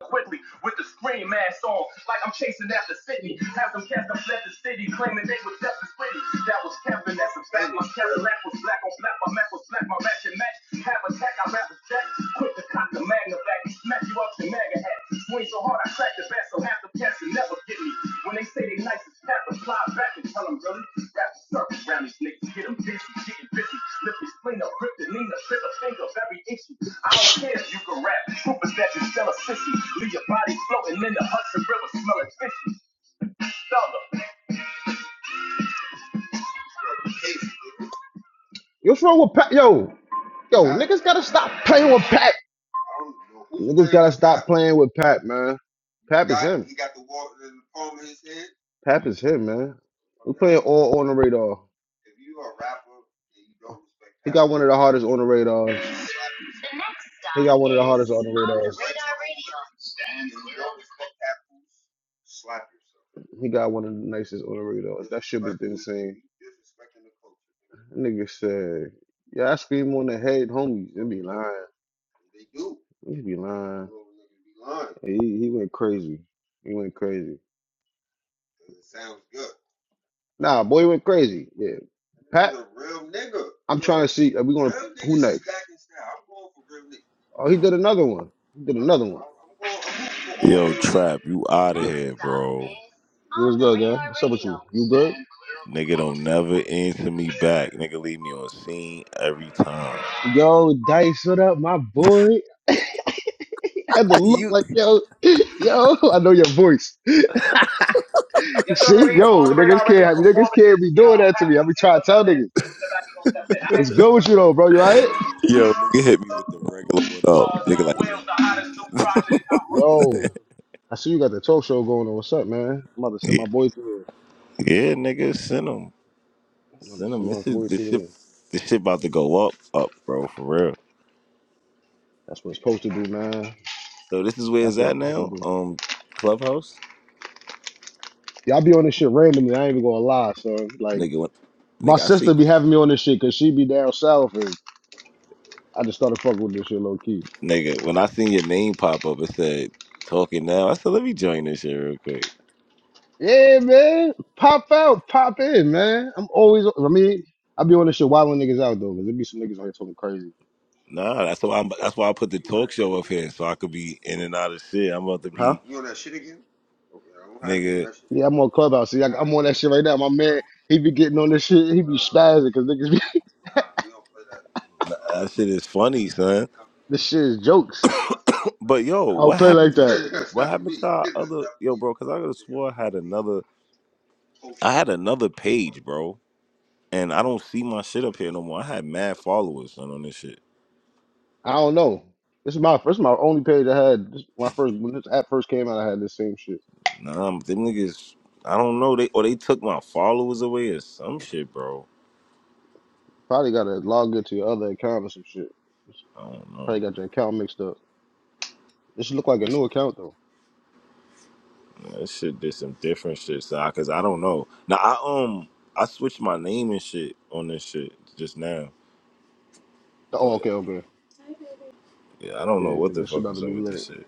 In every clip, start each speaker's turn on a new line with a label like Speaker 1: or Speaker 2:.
Speaker 1: quickly with the scream mask on, like I'm chasing after Sydney. Have them cats that fled the city, claiming they was deaf and pretty. That was Kevin, that's a fact. My Cadillac was black on black, my Mac was black, my match and match. Have a tech, I rap a jack. Quick to cock the magna back, smack you up to mega hat. Swing so hard, I crack the bat, so half the cats will never get me. When they say they nice as pepper, fly back and tell them really. Rap Circus round these niggas, get them dizzy, getting busy. Slip me, spleen up, grip the Nina, trip a finger of every issue. I don't care if you can rap, troopers that you sell a sissy. Leave your body floating in the Hudson River, smelling fishy. Thunder. What's wrong with Pat? Yo, yo, gotta stop playing with Pat. playing with Pat, man. Pap Pap is him, man. all on the radar. the hardest on the radars. He got one of the hardest underrated ass. He got one of the nicest underrated ass. That shit been insane. Nigga said, "Yeah, I scream on the head, homies." It be lying. He be lying. He he went crazy. He went crazy. Nah, boy he went crazy. Yeah, Pat. I'm trying to see. Are we going? to Who next? Oh, he did another one. He did another
Speaker 2: Yo,
Speaker 1: one.
Speaker 2: Trap, you out of
Speaker 1: Yo-
Speaker 2: here, bro.
Speaker 1: What's good, guy? What's up with you? You good?
Speaker 2: Nigga don't never answer me back. Nigga leave me on scene every time.
Speaker 1: Yo, Dice, what up, my boy? had to look
Speaker 2: you
Speaker 1: like, yo, yo, I know your voice. see? Yo, niggas can't, niggas can't be doing that to me. I be trying to tell niggas. What's good with you, though, bro? You all right?
Speaker 2: yo, nigga hit me with the regular what up. Nigga like what up?
Speaker 1: Yo, I see you got the talk show going on. What's up, man? I'm about to send my
Speaker 2: Yeah,
Speaker 1: boy through there.
Speaker 2: yeah nigga, send him.
Speaker 1: I'm about to
Speaker 2: Send him.
Speaker 1: send my
Speaker 2: This is
Speaker 1: boy
Speaker 2: this
Speaker 1: through
Speaker 2: shit
Speaker 1: there.
Speaker 2: this shit about to go up, up, bro, for real.
Speaker 1: That's what it's supposed to do, man.
Speaker 2: So this is where it's
Speaker 1: That's what
Speaker 2: at
Speaker 1: it's supposed to
Speaker 2: now?
Speaker 1: do.
Speaker 2: Um Clubhouse?
Speaker 1: Y'all be on this shit randomly. I ain't even gonna lie, son. Like
Speaker 2: Nigga when,
Speaker 1: my
Speaker 2: nigga, I
Speaker 1: sister
Speaker 2: see
Speaker 1: be having me on this shit because she be down south, and I just started fucking with this shit low key.
Speaker 2: nigga, when I seen your name pop up, it said talking now. I said, let me join this shit real quick.
Speaker 1: Yeah, man. Pop out, pop in, man. I'm always. I mean, I be on this shit wilding niggas out though, because there be some niggas out here talking crazy.
Speaker 2: Nah, that's why I'm, that's why I put the talk show up here so I could be in and out of shit. I'm about to
Speaker 1: Huh?
Speaker 2: be nigga.
Speaker 1: Yeah, I'm on Clubhouse. See, I, I'm on that shit right now. My man, he be getting on this shit. He be spazzing because niggas be.
Speaker 2: That shit is funny, son.
Speaker 1: This shit is jokes. for
Speaker 2: But yo,
Speaker 1: I don't
Speaker 2: what
Speaker 1: play
Speaker 2: happened
Speaker 1: like
Speaker 2: to
Speaker 1: that.
Speaker 2: what happened to our other yo, bro? Because I could have swore I had another I had another page, bro, and I don't see my shit up here no more. I had mad followers, son, on this shit.
Speaker 1: I don't know. This is my first, my only page I had. This, when I first when this app first came out, I had this same shit.
Speaker 2: Nah, I'm- them niggas. I don't know. They or they took my followers away or some shit, bro.
Speaker 1: Probably got to log into your other account or some shit.
Speaker 2: I don't know.
Speaker 1: Probably got your account mixed up. This look like a new account though.
Speaker 2: That shit did some different shit, so I, cause I don't know. Now I um I switched my name and shit on this shit just now,
Speaker 1: Oh,
Speaker 2: but
Speaker 1: okay, okay,
Speaker 2: yeah, I don't
Speaker 1: yeah,
Speaker 2: know what
Speaker 1: because
Speaker 2: the
Speaker 1: this shit
Speaker 2: fuck
Speaker 1: about to
Speaker 2: is up
Speaker 1: be
Speaker 2: with
Speaker 1: lit.
Speaker 2: this shit.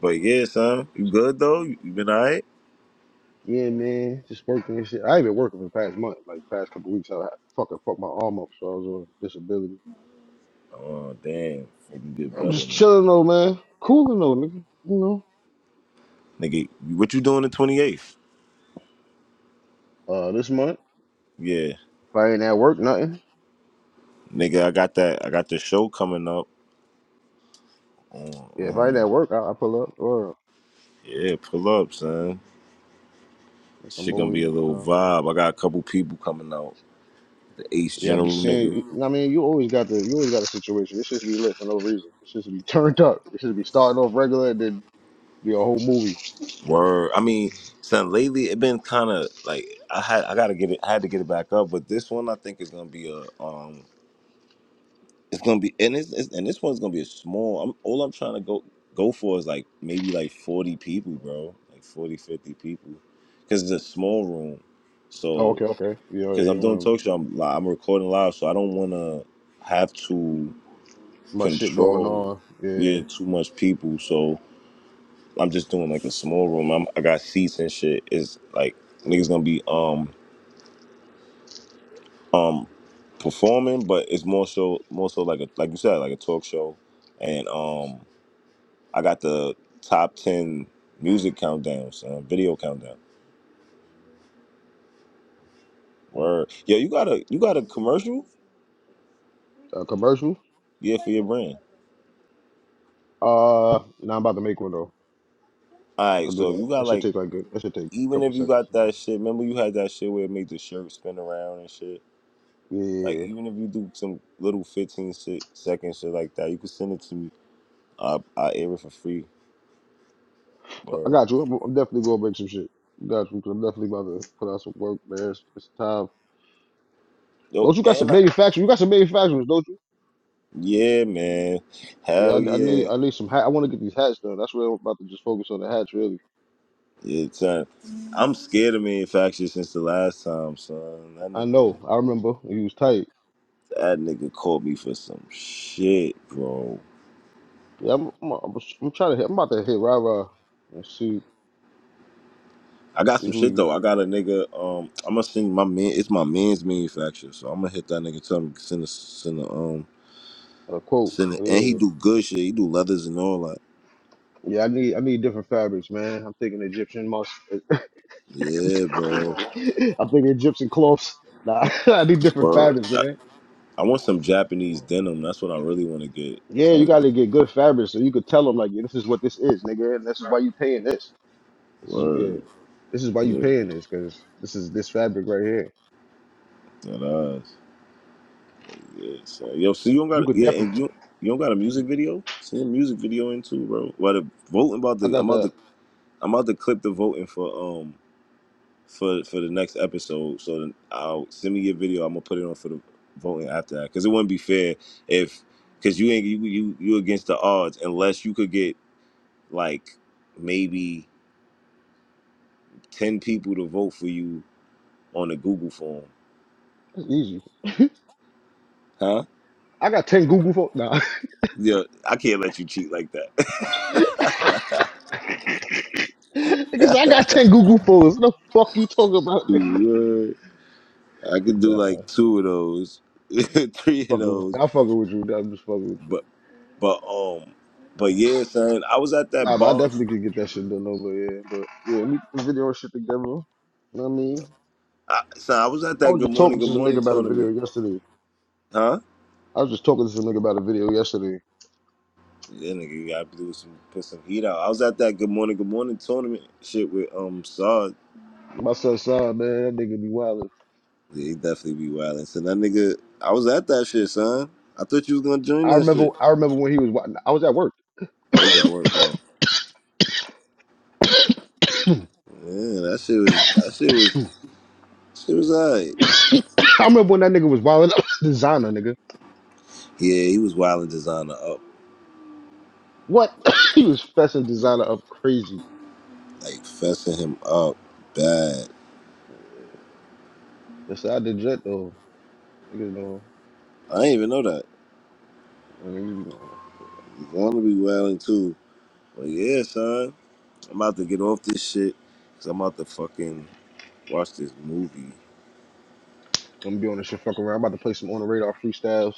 Speaker 2: But yeah, son, you good though? You, you been alright?
Speaker 1: Yeah, man, just working and shit. I ain't been working for the past month, like past couple weeks. I had fucking fucked my arm up, so I was on disability.
Speaker 2: Oh damn, fuck you get
Speaker 1: I'm
Speaker 2: better,
Speaker 1: just
Speaker 2: nigga.
Speaker 1: chilling though, man. Cooling though, nigga. You know.
Speaker 2: Nigga, what you doing the twenty eighth?
Speaker 1: Uh, this month,
Speaker 2: Yeah,
Speaker 1: if I ain't at work, nothing.
Speaker 2: nigga, I got that. I got the show coming up. On,
Speaker 1: Yeah, if I ain't
Speaker 2: um,
Speaker 1: at work, I, I pull up or
Speaker 2: yeah, pull up, son.
Speaker 1: make a
Speaker 2: Shit gonna
Speaker 1: movie
Speaker 2: be a
Speaker 1: one
Speaker 2: little
Speaker 1: time.
Speaker 2: vibe. I got a couple people coming out. The Ace
Speaker 1: Yeah, I be
Speaker 2: General
Speaker 1: seeing. You
Speaker 2: nigga.
Speaker 1: know what I mean, you always got the you always got a situation. It should be lit for no reason. It should be turned up. It should be starting off regular and then be a whole movie.
Speaker 2: Word. I mean, son, lately it been kind of like I had I gotta get it. I had to get it back up, but this one I think is gonna be a um. It's gonna be and it's, it's and this one's gonna be a small. I'm all I'm trying to go go for is like maybe like 40 people, bro. Like 40 50 people, because it's a small room.
Speaker 1: Oh,
Speaker 2: So
Speaker 1: okay, okay. Yeah, oh, yeah.
Speaker 2: because
Speaker 1: You
Speaker 2: I'm
Speaker 1: don't
Speaker 2: doing
Speaker 1: want
Speaker 2: talk show, I'm li- I'm recording live, so I don't want to have to
Speaker 1: much shit going
Speaker 2: control
Speaker 1: on. Yeah,
Speaker 2: yeah too much people. So. I'm just doing like a small room. I'm, I got seats and shit. It's like niggas gonna be um um performing, but it's more so more so like a like you said like a talk show, and um I got the top ten music countdowns, uh, video countdown. Word, yeah, you got a you got a commercial,
Speaker 1: a commercial.
Speaker 2: yeah, for your brand.
Speaker 1: Uh, now I'm about to make one though.
Speaker 2: All
Speaker 1: I
Speaker 2: right,
Speaker 1: can do
Speaker 2: so
Speaker 1: that.
Speaker 2: you got
Speaker 1: That should
Speaker 2: like
Speaker 1: take like a, that should take a
Speaker 2: even
Speaker 1: couple
Speaker 2: if you
Speaker 1: seconds.
Speaker 2: got
Speaker 1: You know.
Speaker 2: that shit, remember you had that shit where it made the shirt spin around and shit. Like
Speaker 1: Yeah,
Speaker 2: even if you do some little 15 shit, second shit like that, you can send it to me I I air it for free.
Speaker 1: So I
Speaker 2: Word.
Speaker 1: got you. I'm, I'm definitely gonna make some shit. Got you. 'cause I'm definitely about to put out some work, man. It's, it's time.
Speaker 2: Yo,
Speaker 1: Don't you got some
Speaker 2: and I,
Speaker 1: manufacturers? You got some manufacturers, don't you?
Speaker 2: yeah, man,
Speaker 1: Yeah,
Speaker 2: hell
Speaker 1: I, I need
Speaker 2: yeah,
Speaker 1: I need some hat. I want to get these hats done. That's what I'm about to just focus on the hats, really.
Speaker 2: yeah, son. I'm scared of manufacturer since the last time, son. That
Speaker 1: I
Speaker 2: nigga,
Speaker 1: know. I remember he was tight.
Speaker 2: that nigga called me for some shit, bro.
Speaker 1: Yeah, I'm I'm, I'm, s- I'm trying to hit. I'm about to hit Rara and see
Speaker 2: I got
Speaker 1: see
Speaker 2: some
Speaker 1: who
Speaker 2: shit
Speaker 1: you
Speaker 2: though. I got a nigga. Um, I'm gonna send my man. It's my man's manufacturer, so I'm gonna hit that nigga. Tell him send a send a um
Speaker 1: uh, quote.
Speaker 2: send it. And he
Speaker 1: Yeah,
Speaker 2: do good shit. He do leathers and all that.
Speaker 1: yeah. I need I need different fabrics, man. I'm thinking Egyptian musk.
Speaker 2: Yeah,
Speaker 1: I'm
Speaker 2: bro.
Speaker 1: thinking Egyptian cloths. Nah, I need different
Speaker 2: Bro,
Speaker 1: fabrics,
Speaker 2: I,
Speaker 1: man.
Speaker 2: I want some Japanese denim. That's what I really want to get.
Speaker 1: Yeah, you gotta get good fabrics so you could tell them like, yeah, this is what this is, nigga, and this is why you paying this. This is yeah,
Speaker 2: Word.
Speaker 1: this is why you
Speaker 2: Yeah,
Speaker 1: paying this because this is this fabric right here.
Speaker 2: that eyes. Yeah, so, yo, so you don't
Speaker 1: You
Speaker 2: got
Speaker 1: could
Speaker 2: yeah,
Speaker 1: definitely.
Speaker 2: and you you don't got a music video? Send a music video in too, bro. About the voting about the
Speaker 1: I
Speaker 2: I'm
Speaker 1: got
Speaker 2: about
Speaker 1: that.
Speaker 2: to I'm about to clip the voting for um for for the next episode. So then I'll send me your video. I'm gonna put it on for the voting after that because it wouldn't be fair if because you ain't you, you you against the odds unless you could get like maybe ten people to vote for you on the Google form,
Speaker 1: It's easy.
Speaker 2: huh?
Speaker 1: I got ten Google phones. Nah,
Speaker 2: Yeah, I can't let you cheat like that.
Speaker 1: nigga said I got ten Google phones. The fuck you talking about? nigga?
Speaker 2: Word. I could do
Speaker 1: Nah, I'm
Speaker 2: like two of those, three of
Speaker 1: fucking with.
Speaker 2: those,
Speaker 1: I'm fucking with you. Nah, I'm just fucking with you.
Speaker 2: but but um, but yeah, son, I was at that
Speaker 1: Nah, but I
Speaker 2: bar,
Speaker 1: definitely could get that shit done over here. But yeah, we can video and shit together. You know what I mean?
Speaker 2: I, son. I was at
Speaker 1: I
Speaker 2: that
Speaker 1: was
Speaker 2: Good
Speaker 1: just
Speaker 2: Morning,
Speaker 1: talking to
Speaker 2: Good
Speaker 1: some nigga
Speaker 2: Morning
Speaker 1: about a video
Speaker 2: tournament,
Speaker 1: yesterday.
Speaker 2: huh?
Speaker 1: I was just talking to some nigga about a video yesterday.
Speaker 2: Yeah, nigga, you gotta do some put some heat out. I was at that Good Morning, Good Morning tournament shit with um Saad.
Speaker 1: My son saw man, that nigga be wildin'.
Speaker 2: Yeah, he definitely be wildin'. So that nigga, I was at that shit, son. I thought you was gonna join
Speaker 1: I
Speaker 2: that
Speaker 1: remember.
Speaker 2: shit.
Speaker 1: I remember when he was. wi- I was at work.
Speaker 2: Oh, he's at work. Oh, yeah, that shit was that shit was She was alright.
Speaker 1: I remember when that nigga was wilding up designer, nigga.
Speaker 2: Yeah, he was wilding designer up,
Speaker 1: What? he was fessing designer up crazy.
Speaker 2: like fessing him up bad.
Speaker 1: Beside the jet though. Niggas know.
Speaker 2: I didn't even know that.
Speaker 1: And niggas be know.
Speaker 2: Want to be wilding too? But yeah, son, I'm about to get off this shit because I'm about to fucking watch this movie.
Speaker 1: I'm gonna be on this shit fuck around. I'm about to play some on the radar freestyles.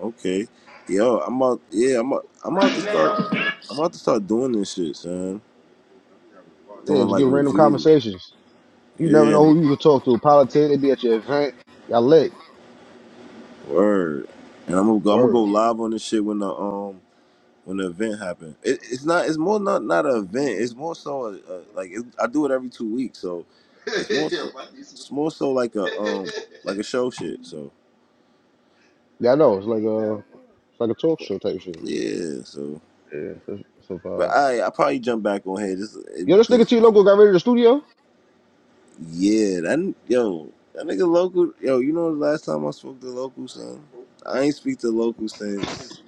Speaker 2: Okay, yo, I'm out. Yeah, I'm. Out, I'm about to start. I'm about to start doing this shit, son.
Speaker 1: Yeah,
Speaker 2: Doing
Speaker 1: just
Speaker 2: like
Speaker 1: get random
Speaker 2: reviews.
Speaker 1: conversations. You never
Speaker 2: Yeah,
Speaker 1: know
Speaker 2: and-
Speaker 1: who you could talk to. Politics, they be at your event. Y'all lit.
Speaker 2: word. And I'm gonna go. I'm gonna go
Speaker 1: Word.
Speaker 2: live on this shit when the um when the event happened. It, it's not. It's more not not an event. It's more so a, a, like it, I do it every two weeks, so it's more so it's more so like a um like a show shit. So
Speaker 1: Yeah, I know. It's like a, it's like a talk show type shit.
Speaker 2: yeah. So
Speaker 1: Yeah, so, so
Speaker 2: but
Speaker 1: far.
Speaker 2: I I probably jump back on here just
Speaker 1: Yo,
Speaker 2: and
Speaker 1: this
Speaker 2: play
Speaker 1: nigga
Speaker 2: some
Speaker 1: T
Speaker 2: shit.
Speaker 1: Loco got ready to the studio?
Speaker 2: Yeah. That yo that nigga local yo. You know the last time I spoke to local son, I ain't speak to local since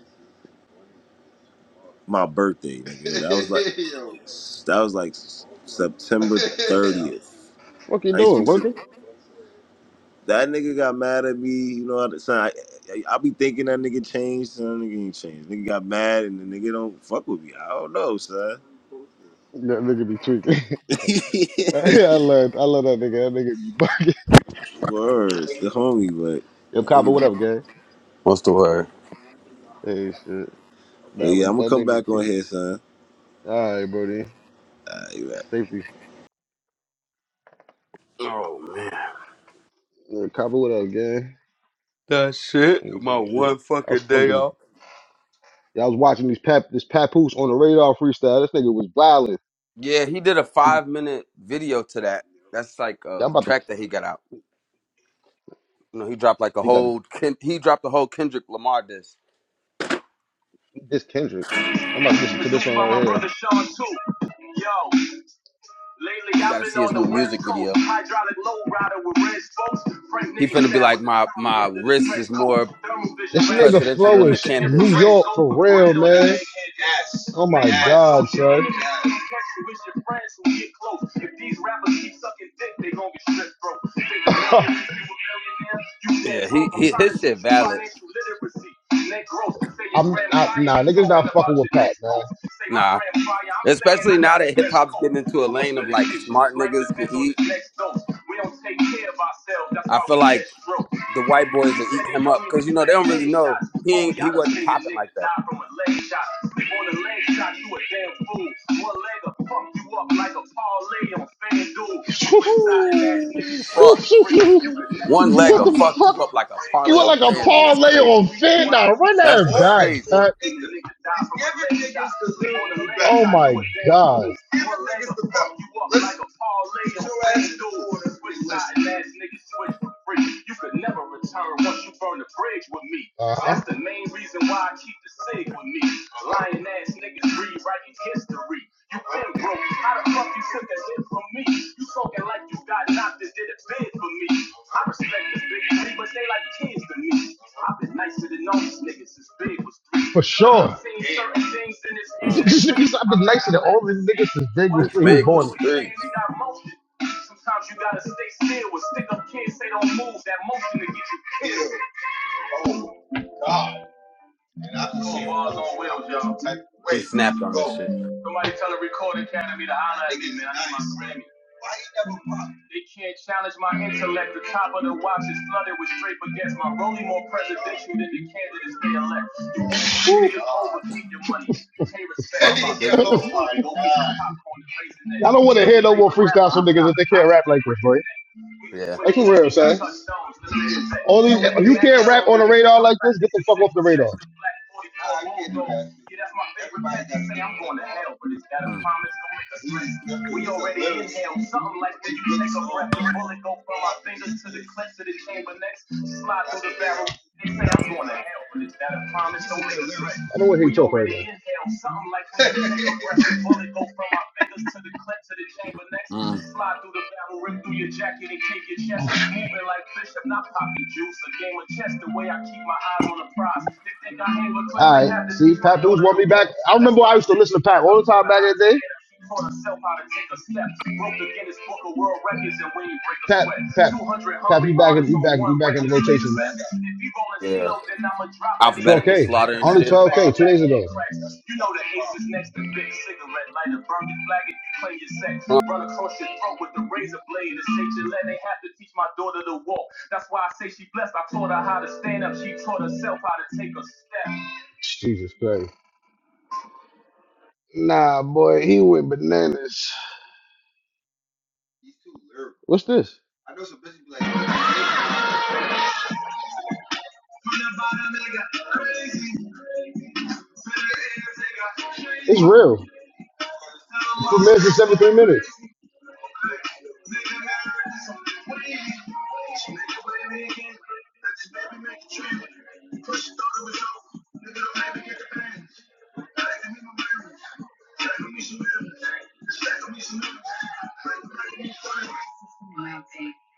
Speaker 2: my birthday, nigga. That was like that was like September thirtieth.
Speaker 1: Fuck you
Speaker 2: I ain't
Speaker 1: doing?
Speaker 2: speak to.
Speaker 1: Working?
Speaker 2: That nigga got mad at me, you know what I'm saying? I, I, I be thinking that nigga changed, son. That nigga ain't changed. Nigga got mad and the nigga don't fuck with me. I don't know, son.
Speaker 1: That nigga be tweaking. Yeah, I love, I love that nigga. That nigga be bugging.
Speaker 2: Words, the homie,
Speaker 1: Yo, Copper, what up,
Speaker 2: but,
Speaker 1: gang?
Speaker 3: What's the word?
Speaker 1: Hey, shit.
Speaker 2: but
Speaker 1: Nah,
Speaker 2: yeah,
Speaker 1: but
Speaker 2: I'm gonna
Speaker 1: that
Speaker 2: come
Speaker 1: nigga
Speaker 2: back on
Speaker 1: T.
Speaker 2: here, son.
Speaker 1: All right, bro, then.
Speaker 2: All right, you right.
Speaker 1: Safety.
Speaker 3: Oh man,
Speaker 1: Yo, Copper, what up, gang?
Speaker 3: that shit.
Speaker 1: Ain't
Speaker 3: My
Speaker 1: doing shit.
Speaker 3: one
Speaker 1: I was
Speaker 3: fucking day
Speaker 1: fucking.
Speaker 3: off.
Speaker 1: Yeah, I was watching these pap, this papoose on the radar freestyle. This nigga was violent.
Speaker 3: Yeah, he did a
Speaker 1: He,
Speaker 3: five minute video to that. That's like a
Speaker 1: I'm about to.
Speaker 3: track that he got out. You know, he dropped like a
Speaker 1: He got.
Speaker 3: whole. Ken- he dropped the whole Kendrick Lamar disc.
Speaker 1: this Kendrick. I'm about to listen to this one right here. Lately,
Speaker 3: You got
Speaker 1: I've
Speaker 3: to
Speaker 1: been
Speaker 3: see
Speaker 1: on
Speaker 3: his new
Speaker 1: the
Speaker 3: music
Speaker 1: West Coast,
Speaker 3: video.
Speaker 1: hydraulic low with red spokes, Frank
Speaker 3: He
Speaker 1: Nitty
Speaker 3: finna be
Speaker 1: style
Speaker 3: like,
Speaker 1: with the
Speaker 3: my
Speaker 1: Tommy
Speaker 3: my
Speaker 1: under the
Speaker 3: wrist
Speaker 1: trench
Speaker 3: is
Speaker 1: coat,
Speaker 3: more
Speaker 1: This nigga attack
Speaker 3: presidential
Speaker 1: Flow
Speaker 3: than the
Speaker 1: is New
Speaker 3: candidates.
Speaker 1: York for real, right man. son you with your friends who get close. If these rappers keep sucking dick, they gon' get stripped broke. You think a millionaire, a millionaire? You dead
Speaker 3: Yeah, he,
Speaker 1: broke. I'm
Speaker 3: he
Speaker 1: trying to
Speaker 3: his shit
Speaker 1: teach you
Speaker 3: valid.
Speaker 1: financial literacy. Net growth. I'm grandma nah, niggas not fucking with Pat, man. Say my
Speaker 3: Nah,
Speaker 1: grandfather, I'm saying
Speaker 3: especially
Speaker 1: I
Speaker 3: now
Speaker 1: got the
Speaker 3: that hip
Speaker 1: best
Speaker 3: hop's
Speaker 1: coat.
Speaker 3: getting into a
Speaker 1: Too much
Speaker 3: lane of like
Speaker 1: medication. His
Speaker 3: smart
Speaker 1: life
Speaker 3: niggas can
Speaker 1: depends on
Speaker 3: eat.
Speaker 1: his next dose. We don't take care of ourselves. That's
Speaker 3: I
Speaker 1: why
Speaker 3: feel
Speaker 1: we catch
Speaker 3: like
Speaker 1: strokes. He
Speaker 3: the white boys to
Speaker 1: said
Speaker 3: eat
Speaker 1: he
Speaker 3: him up
Speaker 1: only
Speaker 3: because you know they
Speaker 1: respect
Speaker 3: don't really know
Speaker 1: headshots.
Speaker 3: he ain't,
Speaker 1: Homie,
Speaker 3: he
Speaker 1: I done
Speaker 3: wasn't
Speaker 1: seen a
Speaker 3: popping like
Speaker 1: nigga
Speaker 3: that.
Speaker 1: die from leg shot. Sleep on the leg shot, you a damn fool. One leg will fuck you up like a parlay on FanDuel. Suicide ass nigga
Speaker 3: Ooh, fuck! One leg will
Speaker 1: what the
Speaker 3: fuck
Speaker 1: fuck?
Speaker 3: you up like a
Speaker 1: You
Speaker 3: parlay
Speaker 1: look
Speaker 3: on
Speaker 1: like a So
Speaker 3: FanDuel. It's
Speaker 1: parlay
Speaker 3: crazy.
Speaker 1: on three run that
Speaker 3: That's crazy.
Speaker 1: cut. my god. like doors. Switch sides, niggas switch for free. You could never return once you burn the bridge with me. Uh-huh. That's the main reason why I keep the sig with me. Lying ass niggas rewriting history. You been broke. How the fuck you took a hit from me? You talking like you got knocked and did a bid for me. I respect the big three, but they like kids to me. I've been nicer than all these niggas since big was for sure. I've been
Speaker 3: Mm.
Speaker 1: nicer than all these niggas since Daniel
Speaker 3: This
Speaker 1: he was
Speaker 3: big
Speaker 1: born.
Speaker 3: was three.
Speaker 1: Sometimes you gotta stay still with stick up kids. They don't move. That motion to get you.
Speaker 3: Yeah,
Speaker 1: Well, y'all.
Speaker 3: he snapped on this shit.
Speaker 1: Somebody tell the Record Academy to holler. They can't challenge my intellect. The top of the watch is flooded with straight baguettes. My rolling more presidential than the candidates they elect.
Speaker 3: Woo.
Speaker 1: You niggas over, keep your money. Pay
Speaker 3: Fucking ridiculous.
Speaker 1: I don't want to hear no more freestyles from niggas if they can't rap like this, boy.
Speaker 3: Yeah.
Speaker 1: That's what we're saying. All these, if you can't rap on the radar like this, get the fuck off the radar.
Speaker 3: Mm,
Speaker 1: I don't want to hear you talk right now.
Speaker 3: mm,
Speaker 1: All right. See, Pat Dudes want me back. I remember I used to listen to Pat all the time back in the day. Taught herself how to take a step. Broke the Guinness Book of World Records and we break a sweat. tap, You back in, you back, you back in the rotation, man.
Speaker 3: yeah.
Speaker 1: 12K.
Speaker 3: Alphabetical slaughter and
Speaker 1: Only
Speaker 3: shit.
Speaker 1: 12K, two days ago. You know the ace is next to big cigarette lighter. Burn your flag if you play your sex. Run across your throat with the razor blade. It's Gillette. They have to teach my daughter to walk. That's why I say she blessed. I taught her how to stand up. She taught herself how to take a step. Jesus Christ. Nah, boy, he went bananas. What's this? It's real. Two minutes and 17 minutes.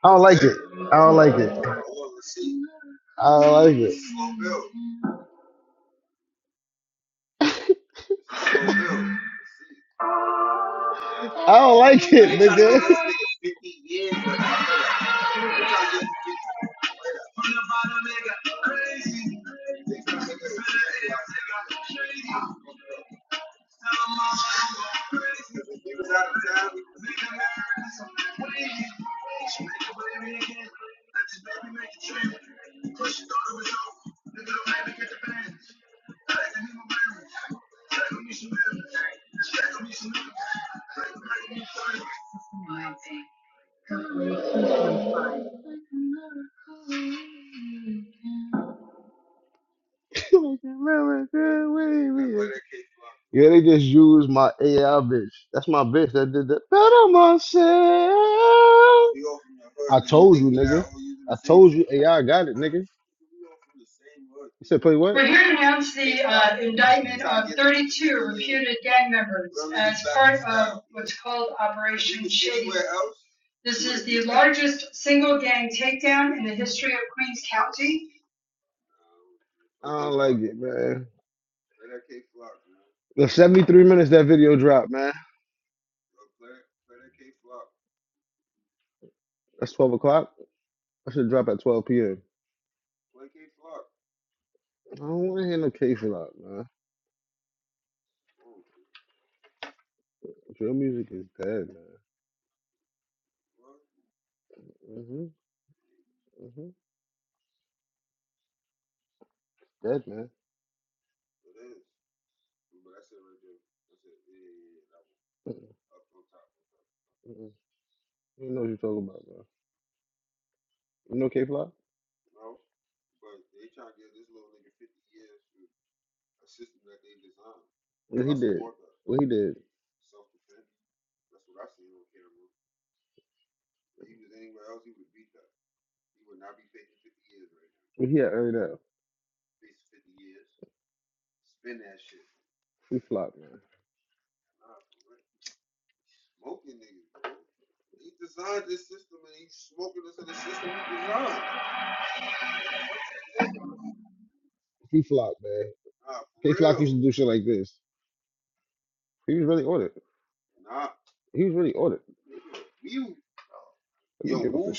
Speaker 1: I don't like it. I don't like it. I don't like it. I don't like it, nigga. Yeah, they just used my AI bitch. That's my bitch that did that. Better myself. I told you, nigga. I told you AI got it, nigga. You said play what? We're here to announce the uh, indictment of gang members. What's called Operation. largest single gang takedown in the history of Queens County. I don't like it, man. The 73 minutes that video dropped, man. That's 12 o'clock. I should drop at 12 p.m. I don't want to hear no case a lot, man. Drill music is dead, man. Mm-hmm. Mm-hmm. Dead, man. Mm-mm. You know what you're talking about, man. You know K-Flop? What he did? What he did? What he had earned out? He flopped, man. He flopped, man. Uh, K-Flop used to do shit like this. He was really on it. He was really on it. Yo, Wolf